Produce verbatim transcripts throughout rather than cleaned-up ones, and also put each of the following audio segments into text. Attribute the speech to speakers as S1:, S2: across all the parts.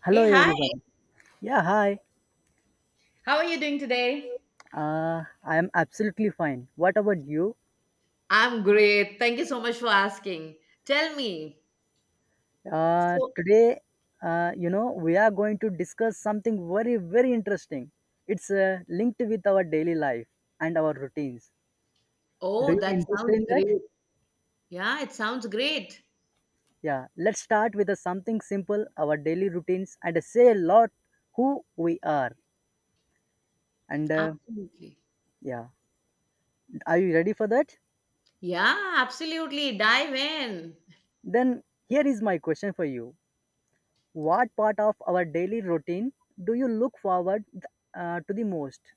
S1: Hello,
S2: Hey, hi.
S1: everyone. Yeah, hi.
S2: How are you doing today?
S1: Uh, I am absolutely fine. What about you?
S2: I'm great. Thank you so much for asking. Tell me.
S1: Uh,
S2: So.
S1: today, uh, you know, we are going to discuss something very, very interesting. It's uh, linked with our daily life and our routines. Do
S2: Oh,
S1: you
S2: that
S1: interested
S2: sounds
S1: in that?
S2: great. Yeah, it sounds great.
S1: Yeah. Let's start with a something simple, our daily routines, and say a lot who we are. And uh,
S2: Absolutely.
S1: yeah, are you ready for that?
S2: Yeah, absolutely. Dive in.
S1: Then here is my question for you. What part of our daily routine do you look forward uh, to the most?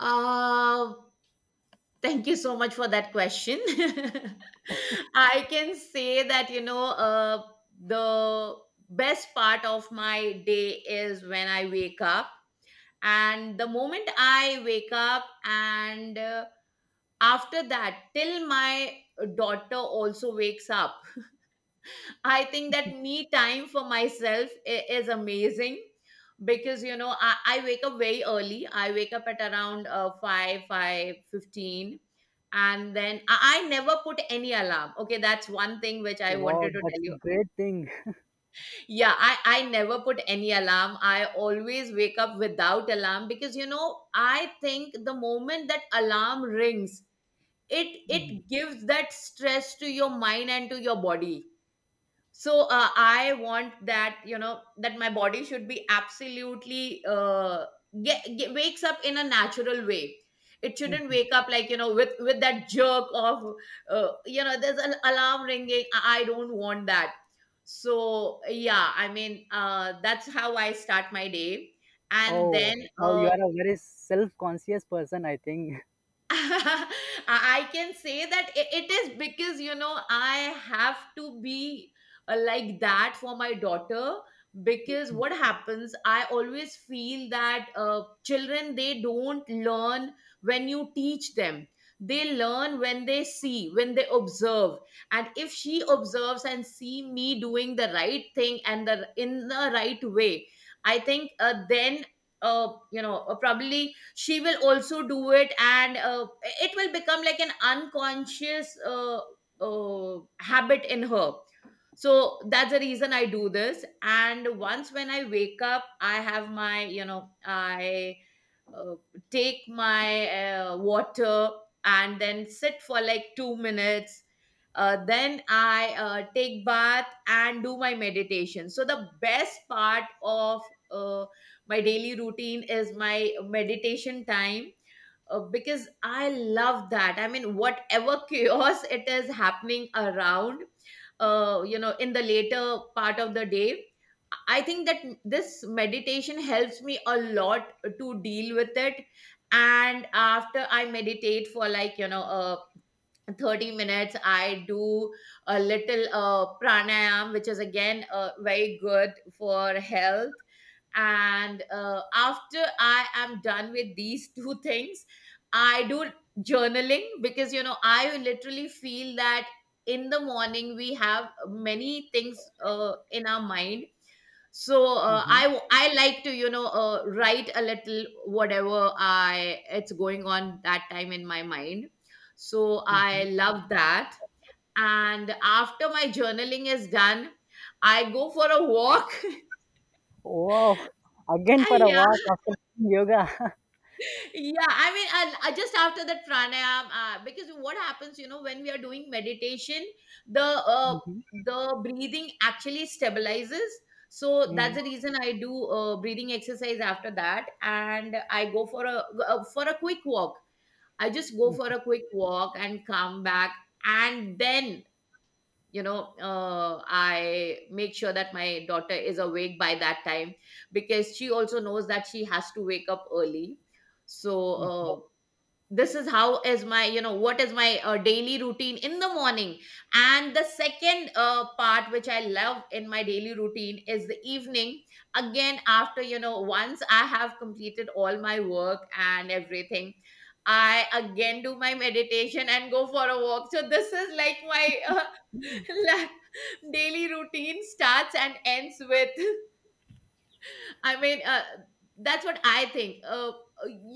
S2: Uh, Thank you so much for that question. I can say that, you know, uh, the best part of my day is when I wake up. And the moment I wake up and uh, after that, till my daughter also wakes up, I think that me time for myself i- is amazing because you know I, I wake up very early. I wake up at around uh, five five fifteen, and then I, I never put any alarm. Okay, that's one thing which I
S1: Wow,
S2: wanted to
S1: that's
S2: tell
S1: a
S2: you.
S1: great thing.
S2: Yeah, I, I never put any alarm. I always wake up without alarm because you know, I think the moment that alarm rings, it
S1: Mhm.
S2: it gives that stress to your mind and to your body. So uh, I want that you know that my body should be absolutely, uh, get, get wakes up in a natural way. It shouldn't
S1: mhm.
S2: wake up like, you know with with that jerk of, uh, you know there's an alarm ringing. i I don't want that. So yeah, I mean, uh, that's how I start my day. And
S1: oh,
S2: then
S1: oh, you
S2: uh,
S1: are a very self-conscious person, I think.
S2: I can say that i- it is because you know I have to be uh, like that for my daughter, because what happens, I always feel that uh, children, they don't learn when you teach them. They learn when they see, when they observe. And if she observes and see me doing the right thing and the, in the right way, I think, uh, then, uh, you know uh, probably she will also do it. And uh, It will become like an unconscious, uh, uh, habit in her. So that's the reason I do this. And once when I wake up, I have my you know I uh, take my uh, water and then sit for like two minutes. Uh, then I uh, take bath and do my meditation. So the best part of, uh, my daily routine is my meditation time, uh, because I love that. I mean, whatever chaos it is happening around, uh, you know, in the later part of the day, I think that this meditation helps me a lot to deal with it. And after I meditate for like, you know, a thirty minutes, I do a little, uh, pranayam, which is again, uh, very good for health. And uh, After I am done with these two things, I do journaling, because you know I literally feel that in the morning we have many things, uh, in our mind. So uh,
S1: Hmm
S2: i i like to, you know uh, write a little whatever I it's going on that time in my mind. So
S1: hmm
S2: I love that. And after my journaling is done, I go for a walk.
S1: Wow, again
S2: Ah,
S1: for a
S2: yeah,
S1: walk after yoga.
S2: yeah, I mean, and uh, just after that pranayam, uh, because what happens, you know when we are doing meditation, the uh, the breathing actually stabilizes. So that's
S1: mhm,
S2: the reason I do, uh, breathing exercise after that, and I go for a uh, for a quick walk. I just go for
S1: mhm.
S2: a quick walk and come back. And then, you know uh, I make sure that my daughter is awake by that time, because she also knows that she has to wake up early. So uh, this is how is my, you know what is my uh, daily routine in the morning. And the second, uh, part which I love in my daily routine is the evening. Again, after, you know once I have completed all my work and everything, I again do my meditation and go for a walk. So this is like my, like, daily routine starts and ends with, I mean, uh, that's what I think. uh, uh,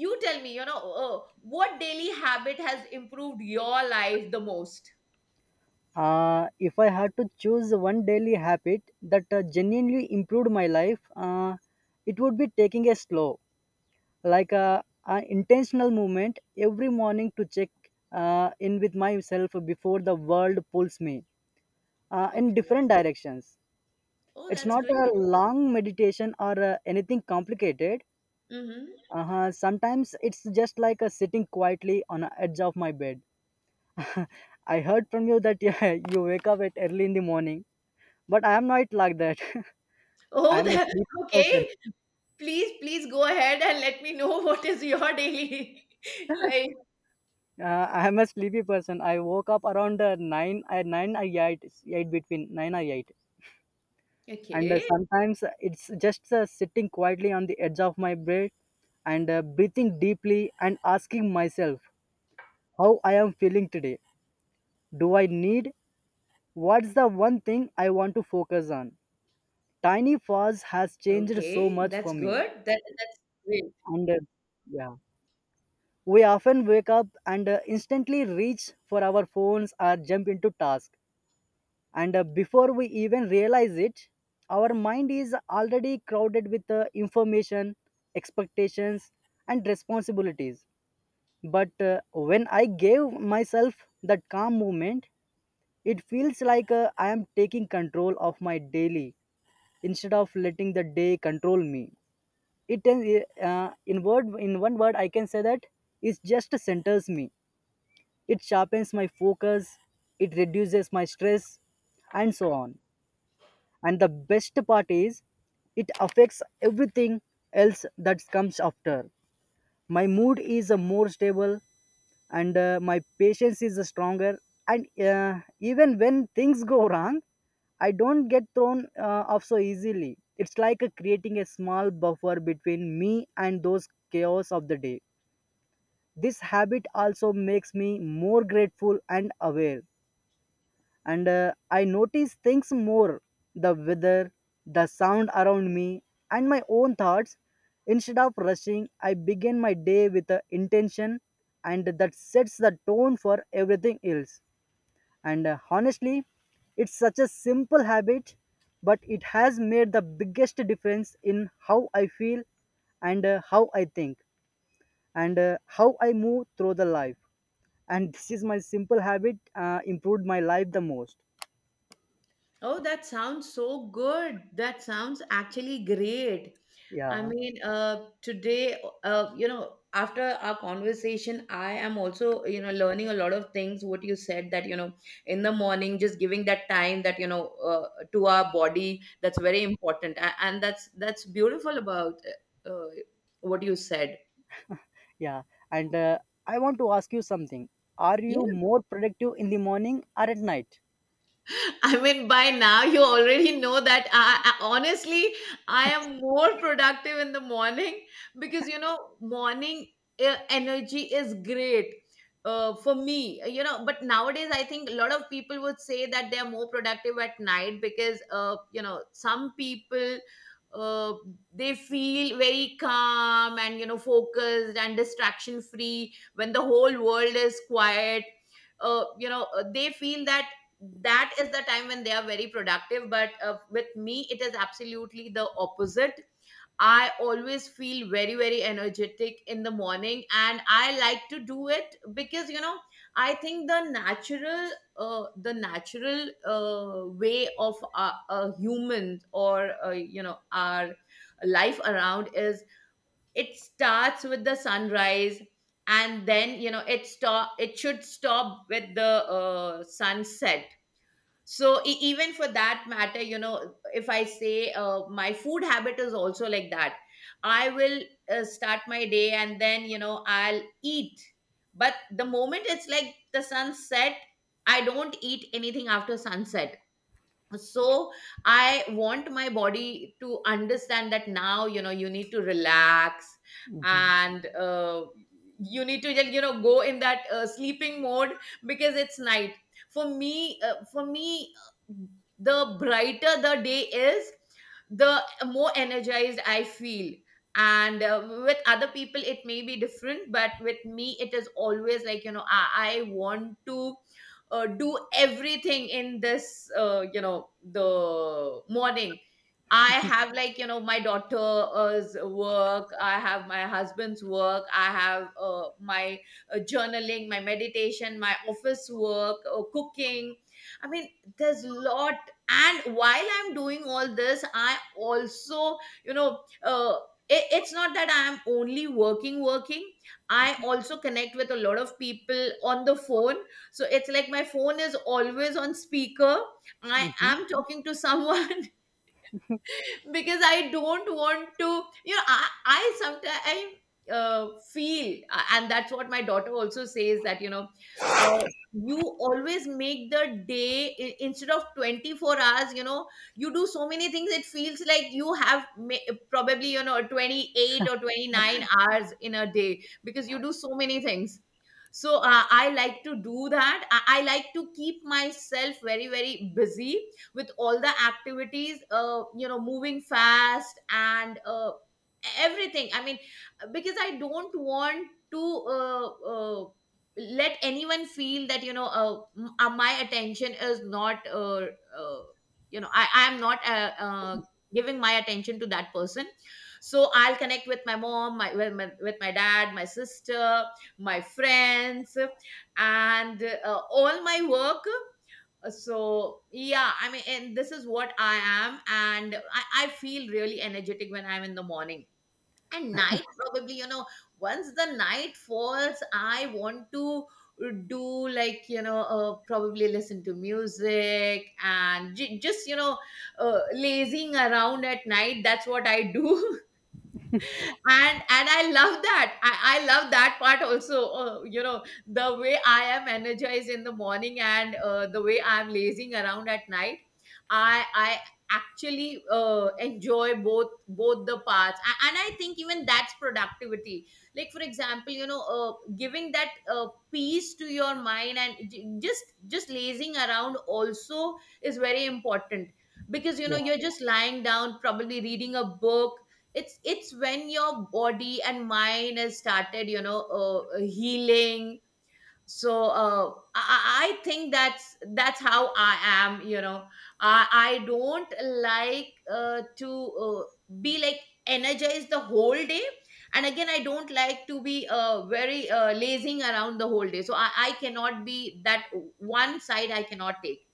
S2: you tell me, you know uh, what daily habit has improved your life the most.
S1: Uh, if I had to choose one daily habit that uh, genuinely improved my life, uh, it would be taking a slow, like a, a intentional movement every morning to check uh, in with myself before the world pulls me uh, in
S2: Okay.
S1: different directions.
S2: Oh,
S1: It's
S2: that's
S1: not a
S2: great.
S1: long meditation or uh, anything complicated.
S2: Mm-hmm.
S1: Uh-huh. Sometimes it's just like a sitting quietly on the edge of my bed. I heard from you that yeah, you wake up at early in the morning, but I am not like that. I
S2: Oh,
S1: am a
S2: that.
S1: sleep person.
S2: Okay, please, please go ahead and let me know. What is your daily life?
S1: Uh, I'm a sleepy person. I woke up around uh, nine, uh, nine or eight, eight between nine or eight, and uh,
S2: Okay.
S1: sometimes it's just uh, sitting quietly on the edge of my bed and uh, breathing deeply and asking myself how I am feeling today. Do I need? What's the one thing I want to focus on? Tiny pause has changed so
S2: Okay,
S1: much
S2: that's
S1: for me,
S2: good. That, that's great.
S1: and uh, yeah, we often wake up and uh, instantly reach for our phones or jump into tasks, and uh, before we even realize it, our mind is already crowded with uh, information, expectations, and responsibilities. But uh, when I gave myself that calm moment, it feels like uh, I am taking control of my daily instead of letting the day control me. It uh, in word in one word I can say that it just centers me, it sharpens my focus, it reduces my stress, and so on. And the best part is it affects everything else that comes after. My mood is uh, more stable, and uh, my patience is uh, stronger, and uh, even when things go wrong, I don't get thrown uh, off so easily. It's like uh, creating a small buffer between me and those chaos of the day. This habit also makes me more grateful and aware, and uh, I notice things more: the weather, the sound around me, and my own thoughts. Instead of rushing, I begin my day with an intention, and that sets the tone for everything else. And uh, Honestly, it's such a simple habit, but it has made the biggest difference in how I feel and uh, how I think and uh, how I move through the life. And this is my simple habit uh, improved my life the most.
S2: Oh, that sounds so good. That sounds actually great. I
S1: Yeah.
S2: mean, uh, today, uh, you know, after our conversation, I am also, you know, learning a lot of things. What you said, that, you know, in the morning, just giving that time, that, you know, uh, to our body, that's very important. A- And that's that's beautiful about, uh, uh, what you said.
S1: Yeah, and uh, I want to ask you something. Are you more productive in the morning or at night?
S2: I mean, by now you already know that, I, I- honestly, I am more productive in the morning, because you know, morning, uh, energy is great, uh, for me, you know. But nowadays, I think a lot of people would say that they are more productive at night, because, uh, you know, some people, uh, they feel very calm and, you know, focused and distraction free when the whole world is quiet. Uh, you know, uh, they feel that that is the time when they are very productive, but, uh, with me it is absolutely the opposite. I always feel very, very energetic in the morning, and I like to do it because, you know I think the natural, uh, the natural uh, way of a, a human, or, uh, you know our life around is, it starts with the sunrise, and then, you know it stop it should stop with the, uh, sunset. So e- even for that matter, you know if I say, uh, my food habit is also like that. I will, uh, start my day, and then, you know I'll eat. But the moment it's like the sun set, I don't eat anything after sunset. So I want my body to understand that now, you know you need to relax.
S1: Hmm
S2: And uh, you need to just, you know go in that, uh, sleeping mode, because it's night. For me uh, for me uh, the brighter the day is, the more energized I feel. And, uh, with other people it may be different, but with me it is always like, you know i, I want to, uh, do everything in this, uh, you know the morning. I have, like, you know my daughter's work, I have my husband's work, I have, uh, my, uh, journaling, my meditation, my office work, uh, cooking. I mean, there's lot. And while I'm doing all this, I also, you know uh, it- it's not that I'm only working working. I also connect with a lot of people on the phone. So it's like my phone is always on speaker. I
S1: hmm
S2: am talking to someone. Because I don't want to, you know, I, I sometimes I, uh, feel, uh, and that's what my daughter also says, that, you know, uh, you always make the day, i- instead of twenty-four hours, you know, you do so many things, it feels like you have, ma- probably, you know, twenty-eight or twenty-nine hours in a day, because you do so many things. So, uh, I like to do that. I, I like to keep myself very, very busy with all the activities, uh, you know moving fast, and, uh, everything, I mean, because I don't want to, uh, uh, let anyone feel that, you know uh, m- uh, my attention is not, uh, uh, you know i i am not, uh, uh, giving my attention to that person. So I'll connect with my mom, my with my, with my dad, my sister, my friends, and, uh, all my work. Uh, so yeah, I mean, and this is what I am, and I, I feel really energetic when I'm in the morning. And night, probably, you know once the night falls, I want to do, like, you know uh, probably listen to music, and j- just, you know uh, lazing around at night. That's what I do. and and I love that. I, I love that part also, uh, you know the way I am energized in the morning, and, uh, the way I'm lazing around at night. I i actually, uh, enjoy both both the parts. A- and I think even that's productivity, like for example, you know uh, giving that, uh, peace to your mind, and j- just just lazing around also is very important. Because you know
S1: Yeah.
S2: you're just lying down, probably reading a book. It's it's when your body and mind has started, you know uh, healing. So, uh, I, I think that's that's how I am. you know i i don't like, uh, to, uh, be like energized the whole day. And again, I don't like to be, uh, very, uh, lazing around the whole day. So I, I cannot be that. One side I cannot take.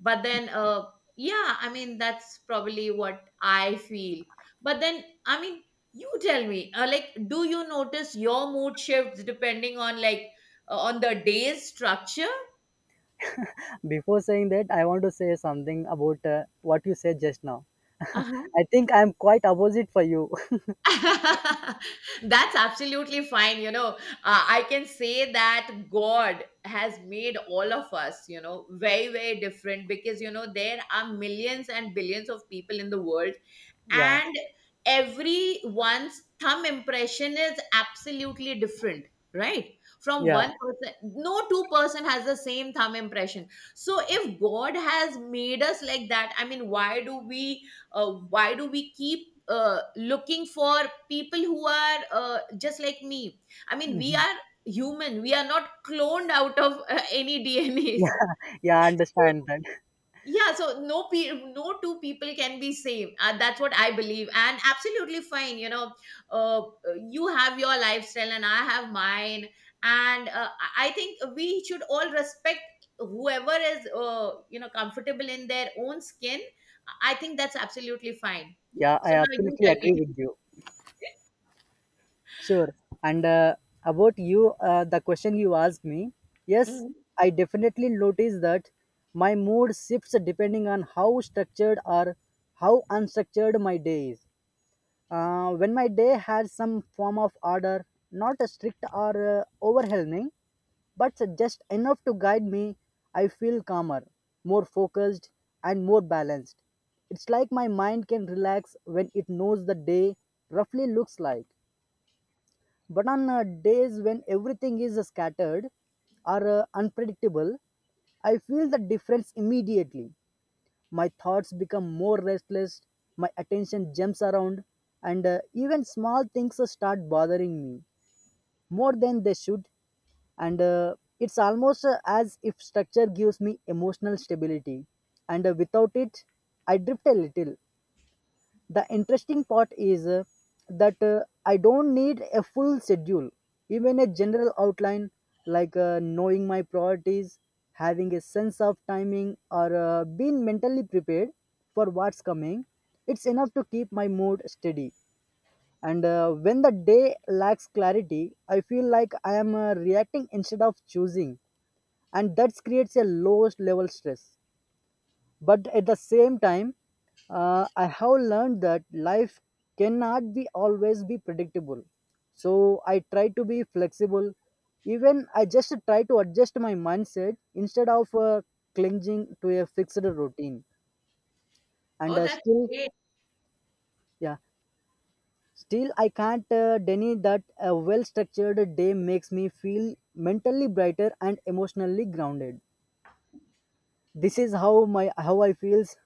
S2: But then, uh, yeah, I mean, that's probably what I feel. But then, I mean, you tell me, uh, like, do you notice your mood Shifts depending on like uh, on the day's structure.
S1: Before saying that, I want to say something about uh, what you said just now.
S2: Uh-huh.
S1: I think I'm quite opposite for you.
S2: That's absolutely fine. You know, uh, I can say that God has made all of us, you know, very, very different because, you know, there are millions and billions of people in the world,
S1: Yeah.
S2: and everyone's thumb impression is absolutely different, right? From
S1: Yeah.
S2: one person, no two person has the same thumb impression. So if God has made us like that, I mean why do we, uh, why do we keep uh, looking for people who are uh, just like me? I mean, we
S1: hmm
S2: are human, we are not cloned out of uh, any dnas.
S1: Yeah. Yeah, I understand that.
S2: Yeah, so no pe- no two people can be same, uh, that's what I believe, and absolutely fine, you know. uh, you have your lifestyle and I have mine, and uh, i I think we should all respect whoever is, uh, you know, comfortable in their own skin. I think that's absolutely fine.
S1: Yeah, I
S2: So now you
S1: absolutely
S2: tell me.
S1: agree with you. Sure. And uh, About you, uh, the question you asked me, yes,
S2: Mhm.
S1: I definitely notice that my mood shifts depending on how structured or how unstructured my day is. Uh, when my day has some form of order, not a strict or uh, overwhelming, but just enough to guide me, I feel calmer, more focused, and more balanced. It's like my mind can relax when it knows the day roughly looks like. But on uh, days when everything is uh, scattered or uh, unpredictable, I feel the difference immediately. My thoughts become more restless, my attention jumps around, and uh, even small things uh, start bothering me more than they should. And uh, It's almost uh, as if structure gives me emotional stability, and uh, without it, I drift a little. The interesting part is uh, that uh, I don't need a full schedule, even a general outline, like uh, knowing my priorities, having a sense of timing or uh, being mentally prepared for what's coming, it's enough to keep my mood steady. And uh, when the day lacks clarity, I feel like I am uh, reacting instead of choosing, and that creates a lowest level stress. But at the same time, uh, I have learned that life cannot be always be predictable. So I try to be flexible. Even I just try to adjust my mindset instead of uh, clinging to a fixed routine. And
S2: Oh,
S1: uh,
S2: that's
S1: still,
S2: great.
S1: yeah, Still I can't uh, deny that a well-structured day makes me feel mentally brighter and emotionally grounded. This is how my how I feels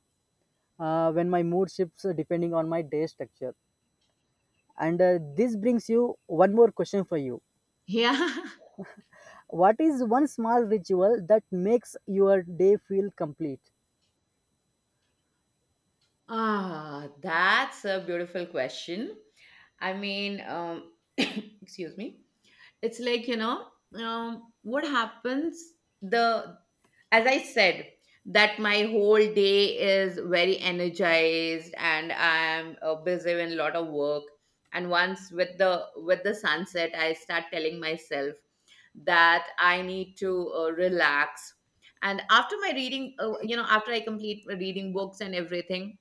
S1: uh, when my mood shifts uh, depending on my day structure. And uh, This brings you one more question for you.
S2: Yeah.
S1: What is one small ritual that makes your day feel complete?
S2: Ah, that's a beautiful question. I mean um excuse me. It's like, you know, um, what happens, the, as I said, that my whole day is very energized, and I'm uh, busy with a lot of work. And once with the with the sunset, I start telling myself that I need to uh, relax. And after my reading, uh, you know, after I complete my reading books and everything,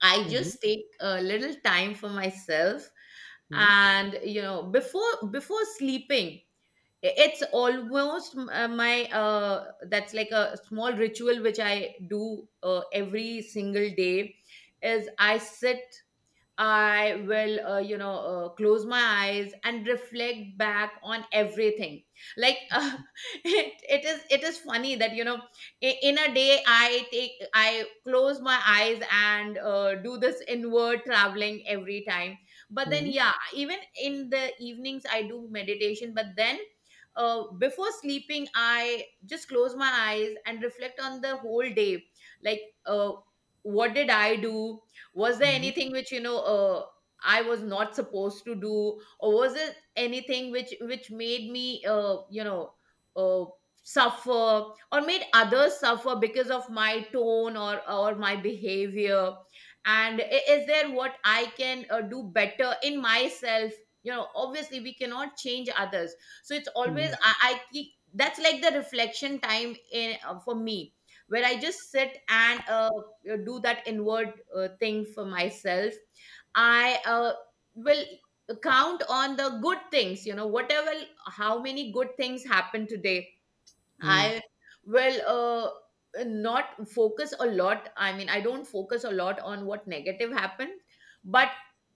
S2: I
S1: Mhm.
S2: just take a little time for myself.
S1: mhm,
S2: And, you know, before before sleeping, it's almost uh, my, uh, that's like a small ritual which I do uh, every single day, is I sit, I will, uh, you know, uh, close my eyes and reflect back on everything. Like, uh, it, it is, it is funny that, you know, i- in a day I take, I close my eyes and uh, do this inward traveling every time. But then,
S1: mhm,
S2: yeah, even in the evenings I do meditation. But then, uh, before sleeping, I just close my eyes and reflect on the whole day. Like, uh, what did I do? Was there
S1: mhm,
S2: anything which, you know, uh, I was not supposed to do? Or was it anything which which made me, uh, you know, uh, suffer or made others suffer because of my tone or or my behavior? And i- is there what I can uh, do better in myself? You know, obviously we cannot change others. So it's
S1: mhm,
S2: always i, I keep, that's like the reflection time in, uh, for me, where I just sit and uh, uh, do that inward uh, thing for myself. I uh, will count on the good things, you know, whatever, how many good things happened today.
S1: mhm.
S2: I will uh, not focus a lot. I mean, I don't focus a lot on what negative happened, but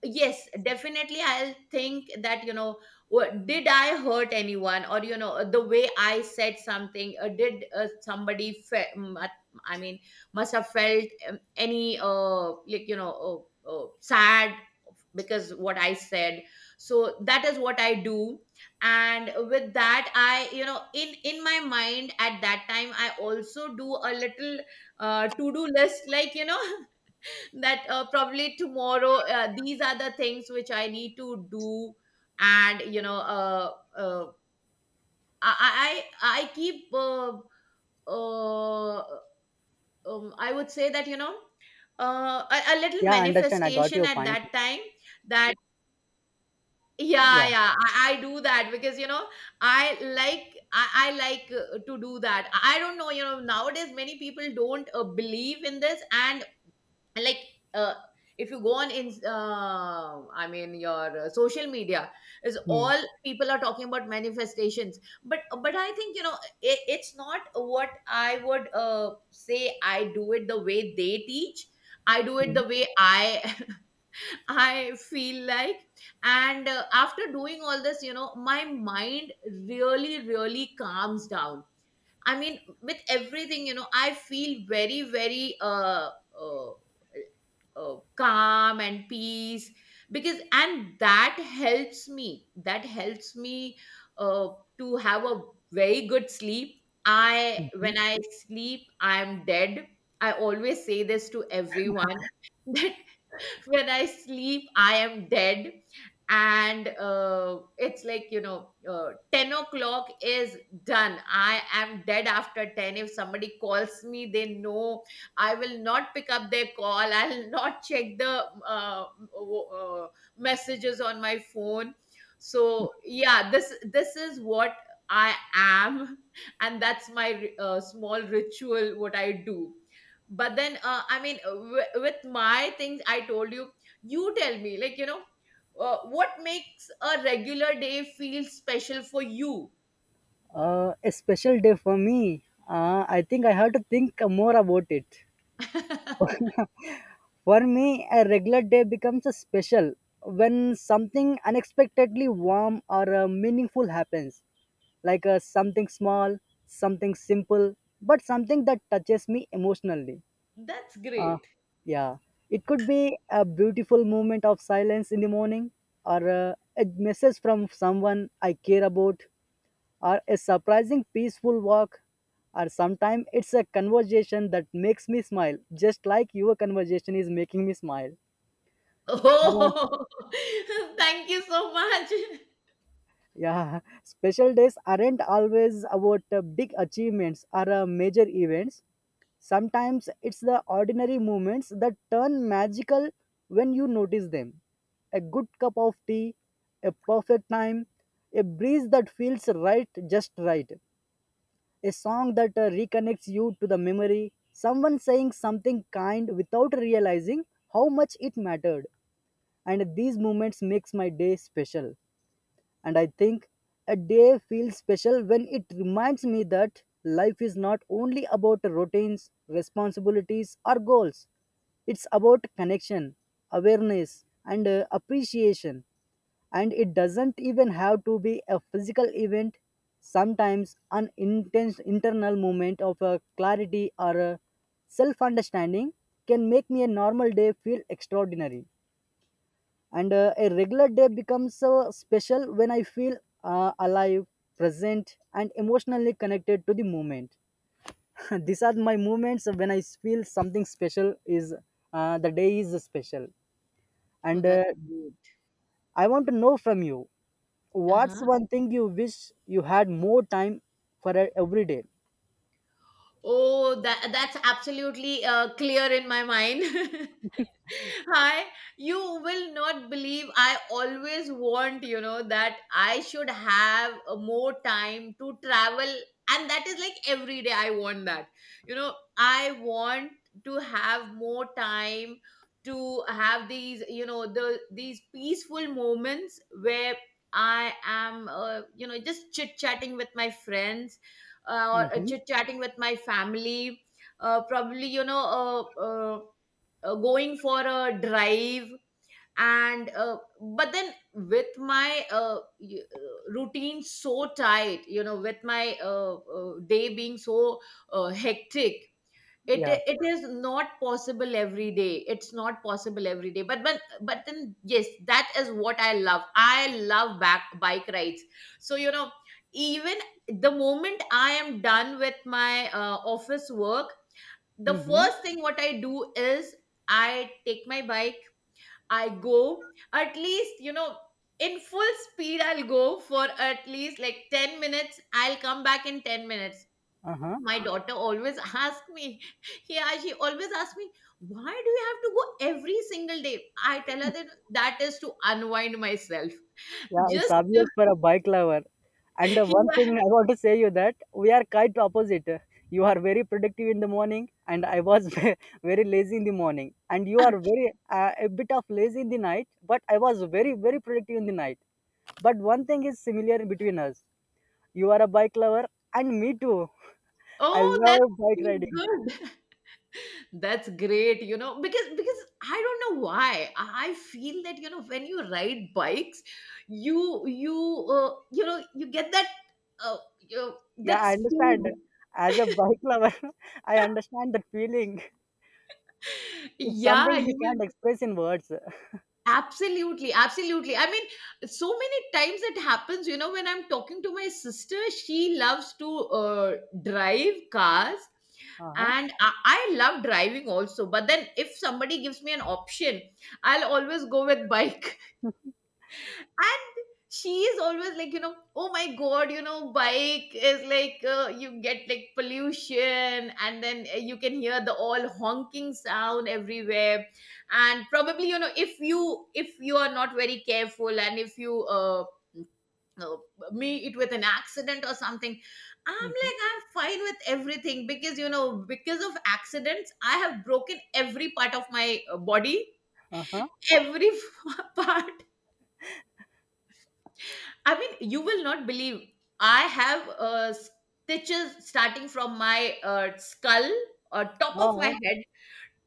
S2: yes, definitely, I'll think that, you know, what, did I hurt anyone? Or, you know, the way I said something, uh, did uh, somebody, Fe- mm, at- I mean, must have felt, um, any, uh, like, you know, uh, uh, sad because what I said. So that is what I do. And with that, I, you know, in in my mind at that time, I also do a little uh, to do list, like, you know, that uh, probably tomorrow uh, these are the things which I need to do. And, you know, uh, uh, i i i I keep uh, uh, um, i would say that, you know, uh, a, a little
S1: Yeah, understand. I got
S2: manifestation
S1: your
S2: at
S1: point.
S2: that time, that,
S1: Yeah.
S2: yeah yeah I, I do that because, you know, I like, i, I like uh, to do that. I don't know, you know, nowadays many people don't uh, believe in this. And like, uh, if you go on in, uh, I mean your uh, social media, is
S1: Mhm,
S2: all people are talking about manifestations. but but I think, you know, it, it's not what I would uh, say. I do it the way they teach, I do it
S1: mhm,
S2: the way I I feel like. And uh, after doing all this, you know, my mind really, really calms down. I mean, with everything, you know, I feel very, very uh, uh uh, calm and peace. Because, and that helps me, that helps me uh, to have a very good sleep. I,
S1: mhm.
S2: when I sleep, I'm dead. I always say this to everyone that when I sleep, I am dead. And uh, it's like, you know, uh, ten o'clock is done, I am dead. After ten, if somebody calls me, they know I will not pick up their call. I'll not check the, uh, w- uh, messages on my phone. So yeah, this this is what I am. And that's my uh, small ritual what I do. But then, uh, I mean, w- with my things, I told you. You tell me, like, you know, uh, what makes a regular day feel special for you?
S1: Uh, a special day for me. Uh, I think I have to think more about it. For me, a regular day becomes a special when something unexpectedly warm or uh, meaningful happens. Like a something small, something simple, but something that touches me emotionally.
S2: That's
S1: Uh,
S2: great.
S1: yeah, it could be a beautiful moment of silence in the morning, or uh, a message from someone I care about, or a surprising peaceful walk, or sometimes it's a conversation that makes me smile, just like your conversation is making me smile. Or, uh,
S2: Oh, thank you so much.
S1: yeah, Special days aren't always about uh, big achievements or uh, major events. Sometimes it's the ordinary moments that turn magical when you notice them. A good cup of tea, a perfect time, a breeze that feels right just right, a song that uh, reconnects you to the memory, someone saying something kind without realizing how much it mattered. And these moments makes my day special. And I think a day feels special when it reminds me that life is not only about routines, responsibilities, or goals. It's about connection, awareness, and uh, appreciation. And it doesn't even have to be a physical event, sometimes an intense internal moment of uh, clarity or self understanding can make me a normal day feel extraordinary. And uh, a regular day becomes uh, special when I feel uh, alive, present, and emotionally connected to the moment. These are my moments when I feel something special is uh, the day is special.
S2: Oh,
S1: And uh,
S2: that's great.
S1: I want to know from you, what's
S2: Uh-huh.
S1: one thing you wish you had more time for uh, every day?
S2: Oh, that that's absolutely uh, clear in my mind. Hi, you will not believe, I always want, you know, that I should have uh, more time to travel. And that is like every day I want that. You know, I want to have more time to have these, you know, the these peaceful moments where I am, uh, you know, just chit chatting with my friends, uh, or
S1: Mm-hmm.
S2: chit chatting with my family. Uh, probably, you know, uh, uh, uh, going for a drive. And uh, but then with my uh, y- uh, routine so tight, you know, with my uh, uh, day being so uh, hectic, it
S1: Yeah.
S2: it is not possible every day, it's not possible every day. But but but then yes, that is what I love, I love back bike rides. So, you know, even the moment I am done with my uh, office work, the
S1: Mm-hmm.
S2: first thing what I do is, I take my bike, I go, at least, you know, in full speed, I'll go for at least like ten minutes, I'll come back in ten minutes.
S1: Uh-huh.
S2: My daughter always asks me, yeah, she always asks me, why do you have to go every single day? I tell her that that is to unwind myself.
S1: Yeah, it's
S2: Just to,
S1: obvious for a bike lover. And the one
S2: yeah.
S1: thing I want to say you that we are quite opposite. You are very productive in the morning, and I was ve- very lazy in the morning. And you are very uh, a bit of lazy in the night, but I was very very productive in the night. But one thing is similar between us. You are a bike lover, and me too. I
S2: Oh, that's
S1: love bike
S2: so
S1: riding.
S2: good. That's great, you know, because because I don't know why I I feel that, you know, when you ride bikes, you you uh, you know, you get that uh, you,
S1: Yeah,
S2: that
S1: I understand.
S2: speed.
S1: As a bike lover, I understand that feeling. It's something
S2: Yeah,
S1: you
S2: you
S1: can't
S2: will,
S1: express in words.
S2: absolutely, absolutely. I mean, so many times it happens. You know, when I'm talking to my sister, she loves to uh, drive cars,
S1: Uh huh.
S2: and I, I love driving also. But then if somebody gives me an option, I'll always go with bike. And she is always like, you know, oh my god, you know, bike is like, uh, you get like pollution, and then uh, you can hear the all honking sound everywhere, and probably, you know, if you if you are not very careful, and if you uh, uh, meet it with an accident or something. I'm like, I'm fine with everything, because, you know, because of accidents, I have broken every part of my uh, body,
S1: Uh
S2: every part. I mean, you will not believe. I have uh, stitches starting from my uh, skull, uh, top of my
S1: huh.
S2: head,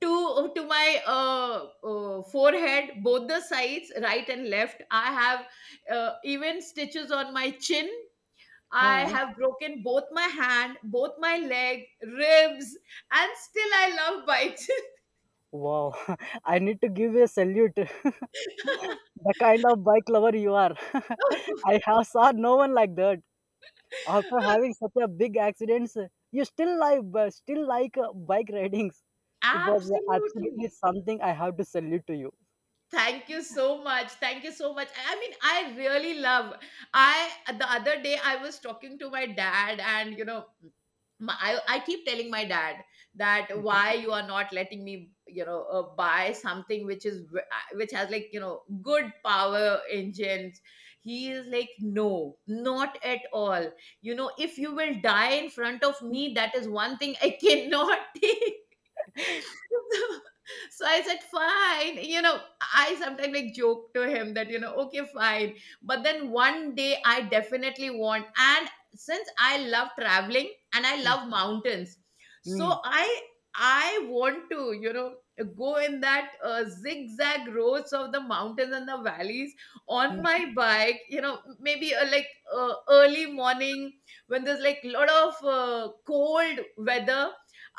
S2: to uh, to my uh, uh, forehead, both the sides, right and left. I have uh, even stitches on my chin. I
S1: Huh.
S2: have broken both my hand, both my leg, ribs, and still I love bikes.
S1: Wow, I need to give you a salute. The kind of bike lover you are. I have saw no one like that. After having such a big accident, you still like still like uh, bike ridings. It was absolutely
S2: Absolutely.
S1: something I have to salute to you.
S2: Thank you so much. Thank you so much. I mean, I really love. I the other day I was talking to my dad, and, you know, my, I, I keep telling my dad that
S1: Mhm.
S2: why you are not letting me, you know, uh, buy something which is v- uh, which has, like, you know, good power engines. He is like, no, not at all. You know, if you will die in front of me, that is one thing I cannot take. So, so I said, fine. You know, I sometimes like joke to him that, you know, okay, fine. But then one day I definitely want. And since I love traveling and I love
S1: mhm,
S2: mountains,
S1: mhm,
S2: so I I want to, you know, go in that uh, zigzag roads of the mountains and the valleys on my bike. You know, maybe uh, like uh, early morning when there's like lot of uh, cold weather.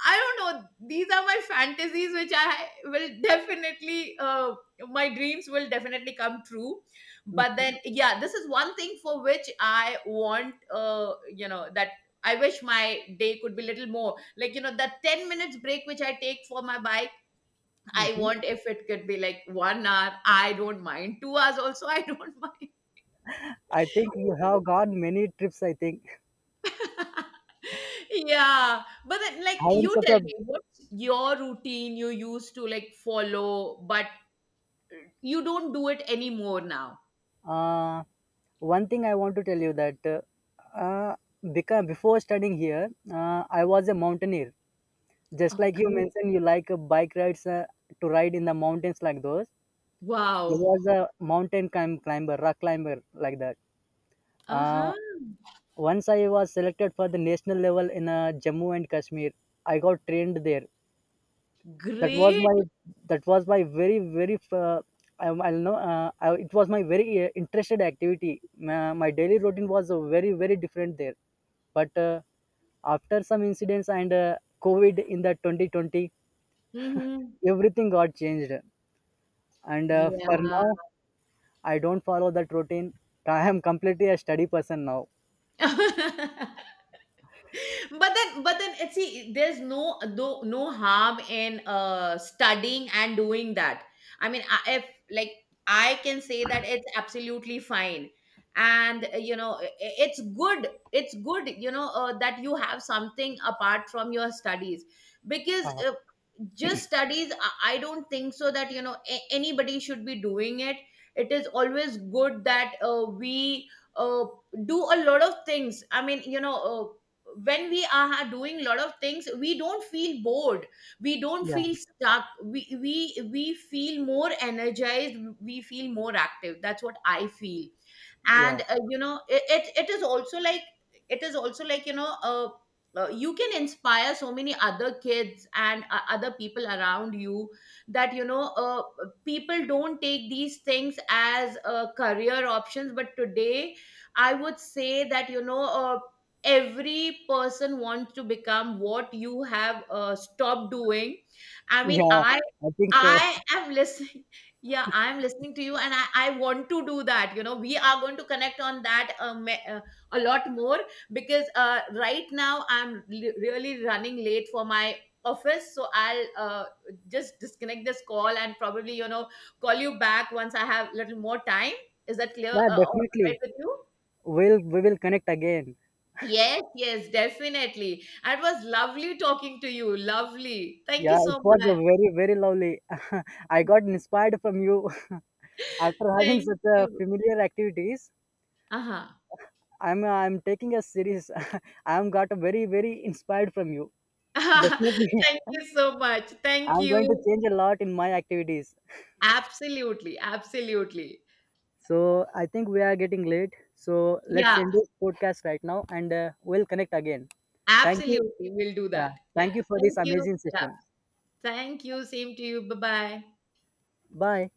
S2: I don't know. These are my fantasies, which I will definitely, uh, my dreams will definitely come true. But
S1: mhm,
S2: then, yeah, this is one thing for which I want, uh, you know, that I wish my day could be little more. Like, you know, that ten minutes break which I take for my bike,
S1: mhm,
S2: I
S1: mhm.
S2: want if it could be like one hour. I don't mind. Two hours also, I don't mind.
S1: I think you have gone many trips. I think
S2: Yeah, but then, like,
S1: having
S2: you
S1: such a
S2: tell me what's your routine you used to like follow, but uh, you don't do it anymore now.
S1: uh, One thing I want to tell you that uh, uh, because before studying here, uh, I was a mountaineer. Just
S2: Oh,
S1: like you
S2: great.
S1: mentioned, you like uh, bike rides uh, to ride in the mountains like those. I
S2: Wow.
S1: was a mountain climb climber, rock climber like that. Uh,
S2: Uh-huh.
S1: once I was selected for the national level in uh, Jammu and Kashmir. I got trained there. That was
S2: Great.
S1: my that was my very very uh, I, I know uh, I, it was my very uh, interested activity. My, my daily routine was uh, very very different there. But uh, After some incidents and uh, COVID in the twenty twenty,
S2: Mm-hmm.
S1: everything got changed. And uh, For
S2: Yeah.
S1: now, I don't follow that routine. I am completely a study person now.
S2: But then, but then uh, see, there's no no no harm in uh studying and doing that. I mean, I- if, like, I can say that it's absolutely fine. And uh, you know, i- i- it's good, it's good, you know, uh, that you have something apart from your studies. Because
S1: Uh,
S2: uh, just studies, i I don't think so that, you know, a- anybody should be doing it. It is always good that uh, we uh, do a lot of things. I mean, you know, uh, when we are ha- doing a lot of things, we don't feel bored, we don't
S1: yeah,
S2: feel stuck, we we we feel more energized, we feel more active, that's what I feel.
S1: yeah,
S2: And uh, you know, it, it it is also like, it is also like, you know, uh, uh, you can inspire so many other kids and uh, other people around you, that, you know, uh, people don't take these things as uh, career options, but today I would say that, you know, uh, every person wants to become what you have uh, stopped doing. I mean,
S1: yeah.
S2: i
S1: I think so.
S2: I am listening. Yeah, I'm listening to you, and i i want to do that. You know, we are going to connect on that, uh, me- uh, a lot more. Because uh, right now I'm li- really running late for my office, so I'll uh, just disconnect this call, and probably, you know, call you back once I have little more time. Is that clear?
S1: Yeah,
S2: Uh, all right
S1: definitely.
S2: with you?
S1: We'll we will connect again.
S2: Yes, yes, definitely. And it was lovely talking to you. Lovely. Thank
S1: Yeah,
S2: you
S1: it
S2: so
S1: was a
S2: much.
S1: very very lovely. I got inspired from you. After having
S2: Thank
S1: such a
S2: you.
S1: familiar activities.
S2: Uh-huh.
S1: I'm I'm taking a series. I'm got a very very inspired from you. Definitely,
S2: Thank you
S1: I'm
S2: so much. Thank
S1: going to
S2: you.
S1: change a lot in my activities.
S2: Absolutely. Absolutely.
S1: So I think we are getting late. So let's
S2: Yeah,
S1: end this podcast right now and uh, we'll connect again. Thank you.
S2: absolutely. We'll do
S1: Yeah.
S2: that. Yeah.
S1: Thank you for this
S2: Thank you.
S1: amazing
S2: Yeah.
S1: session.
S2: Thank you. Same to you. Bye-bye.
S1: Bye.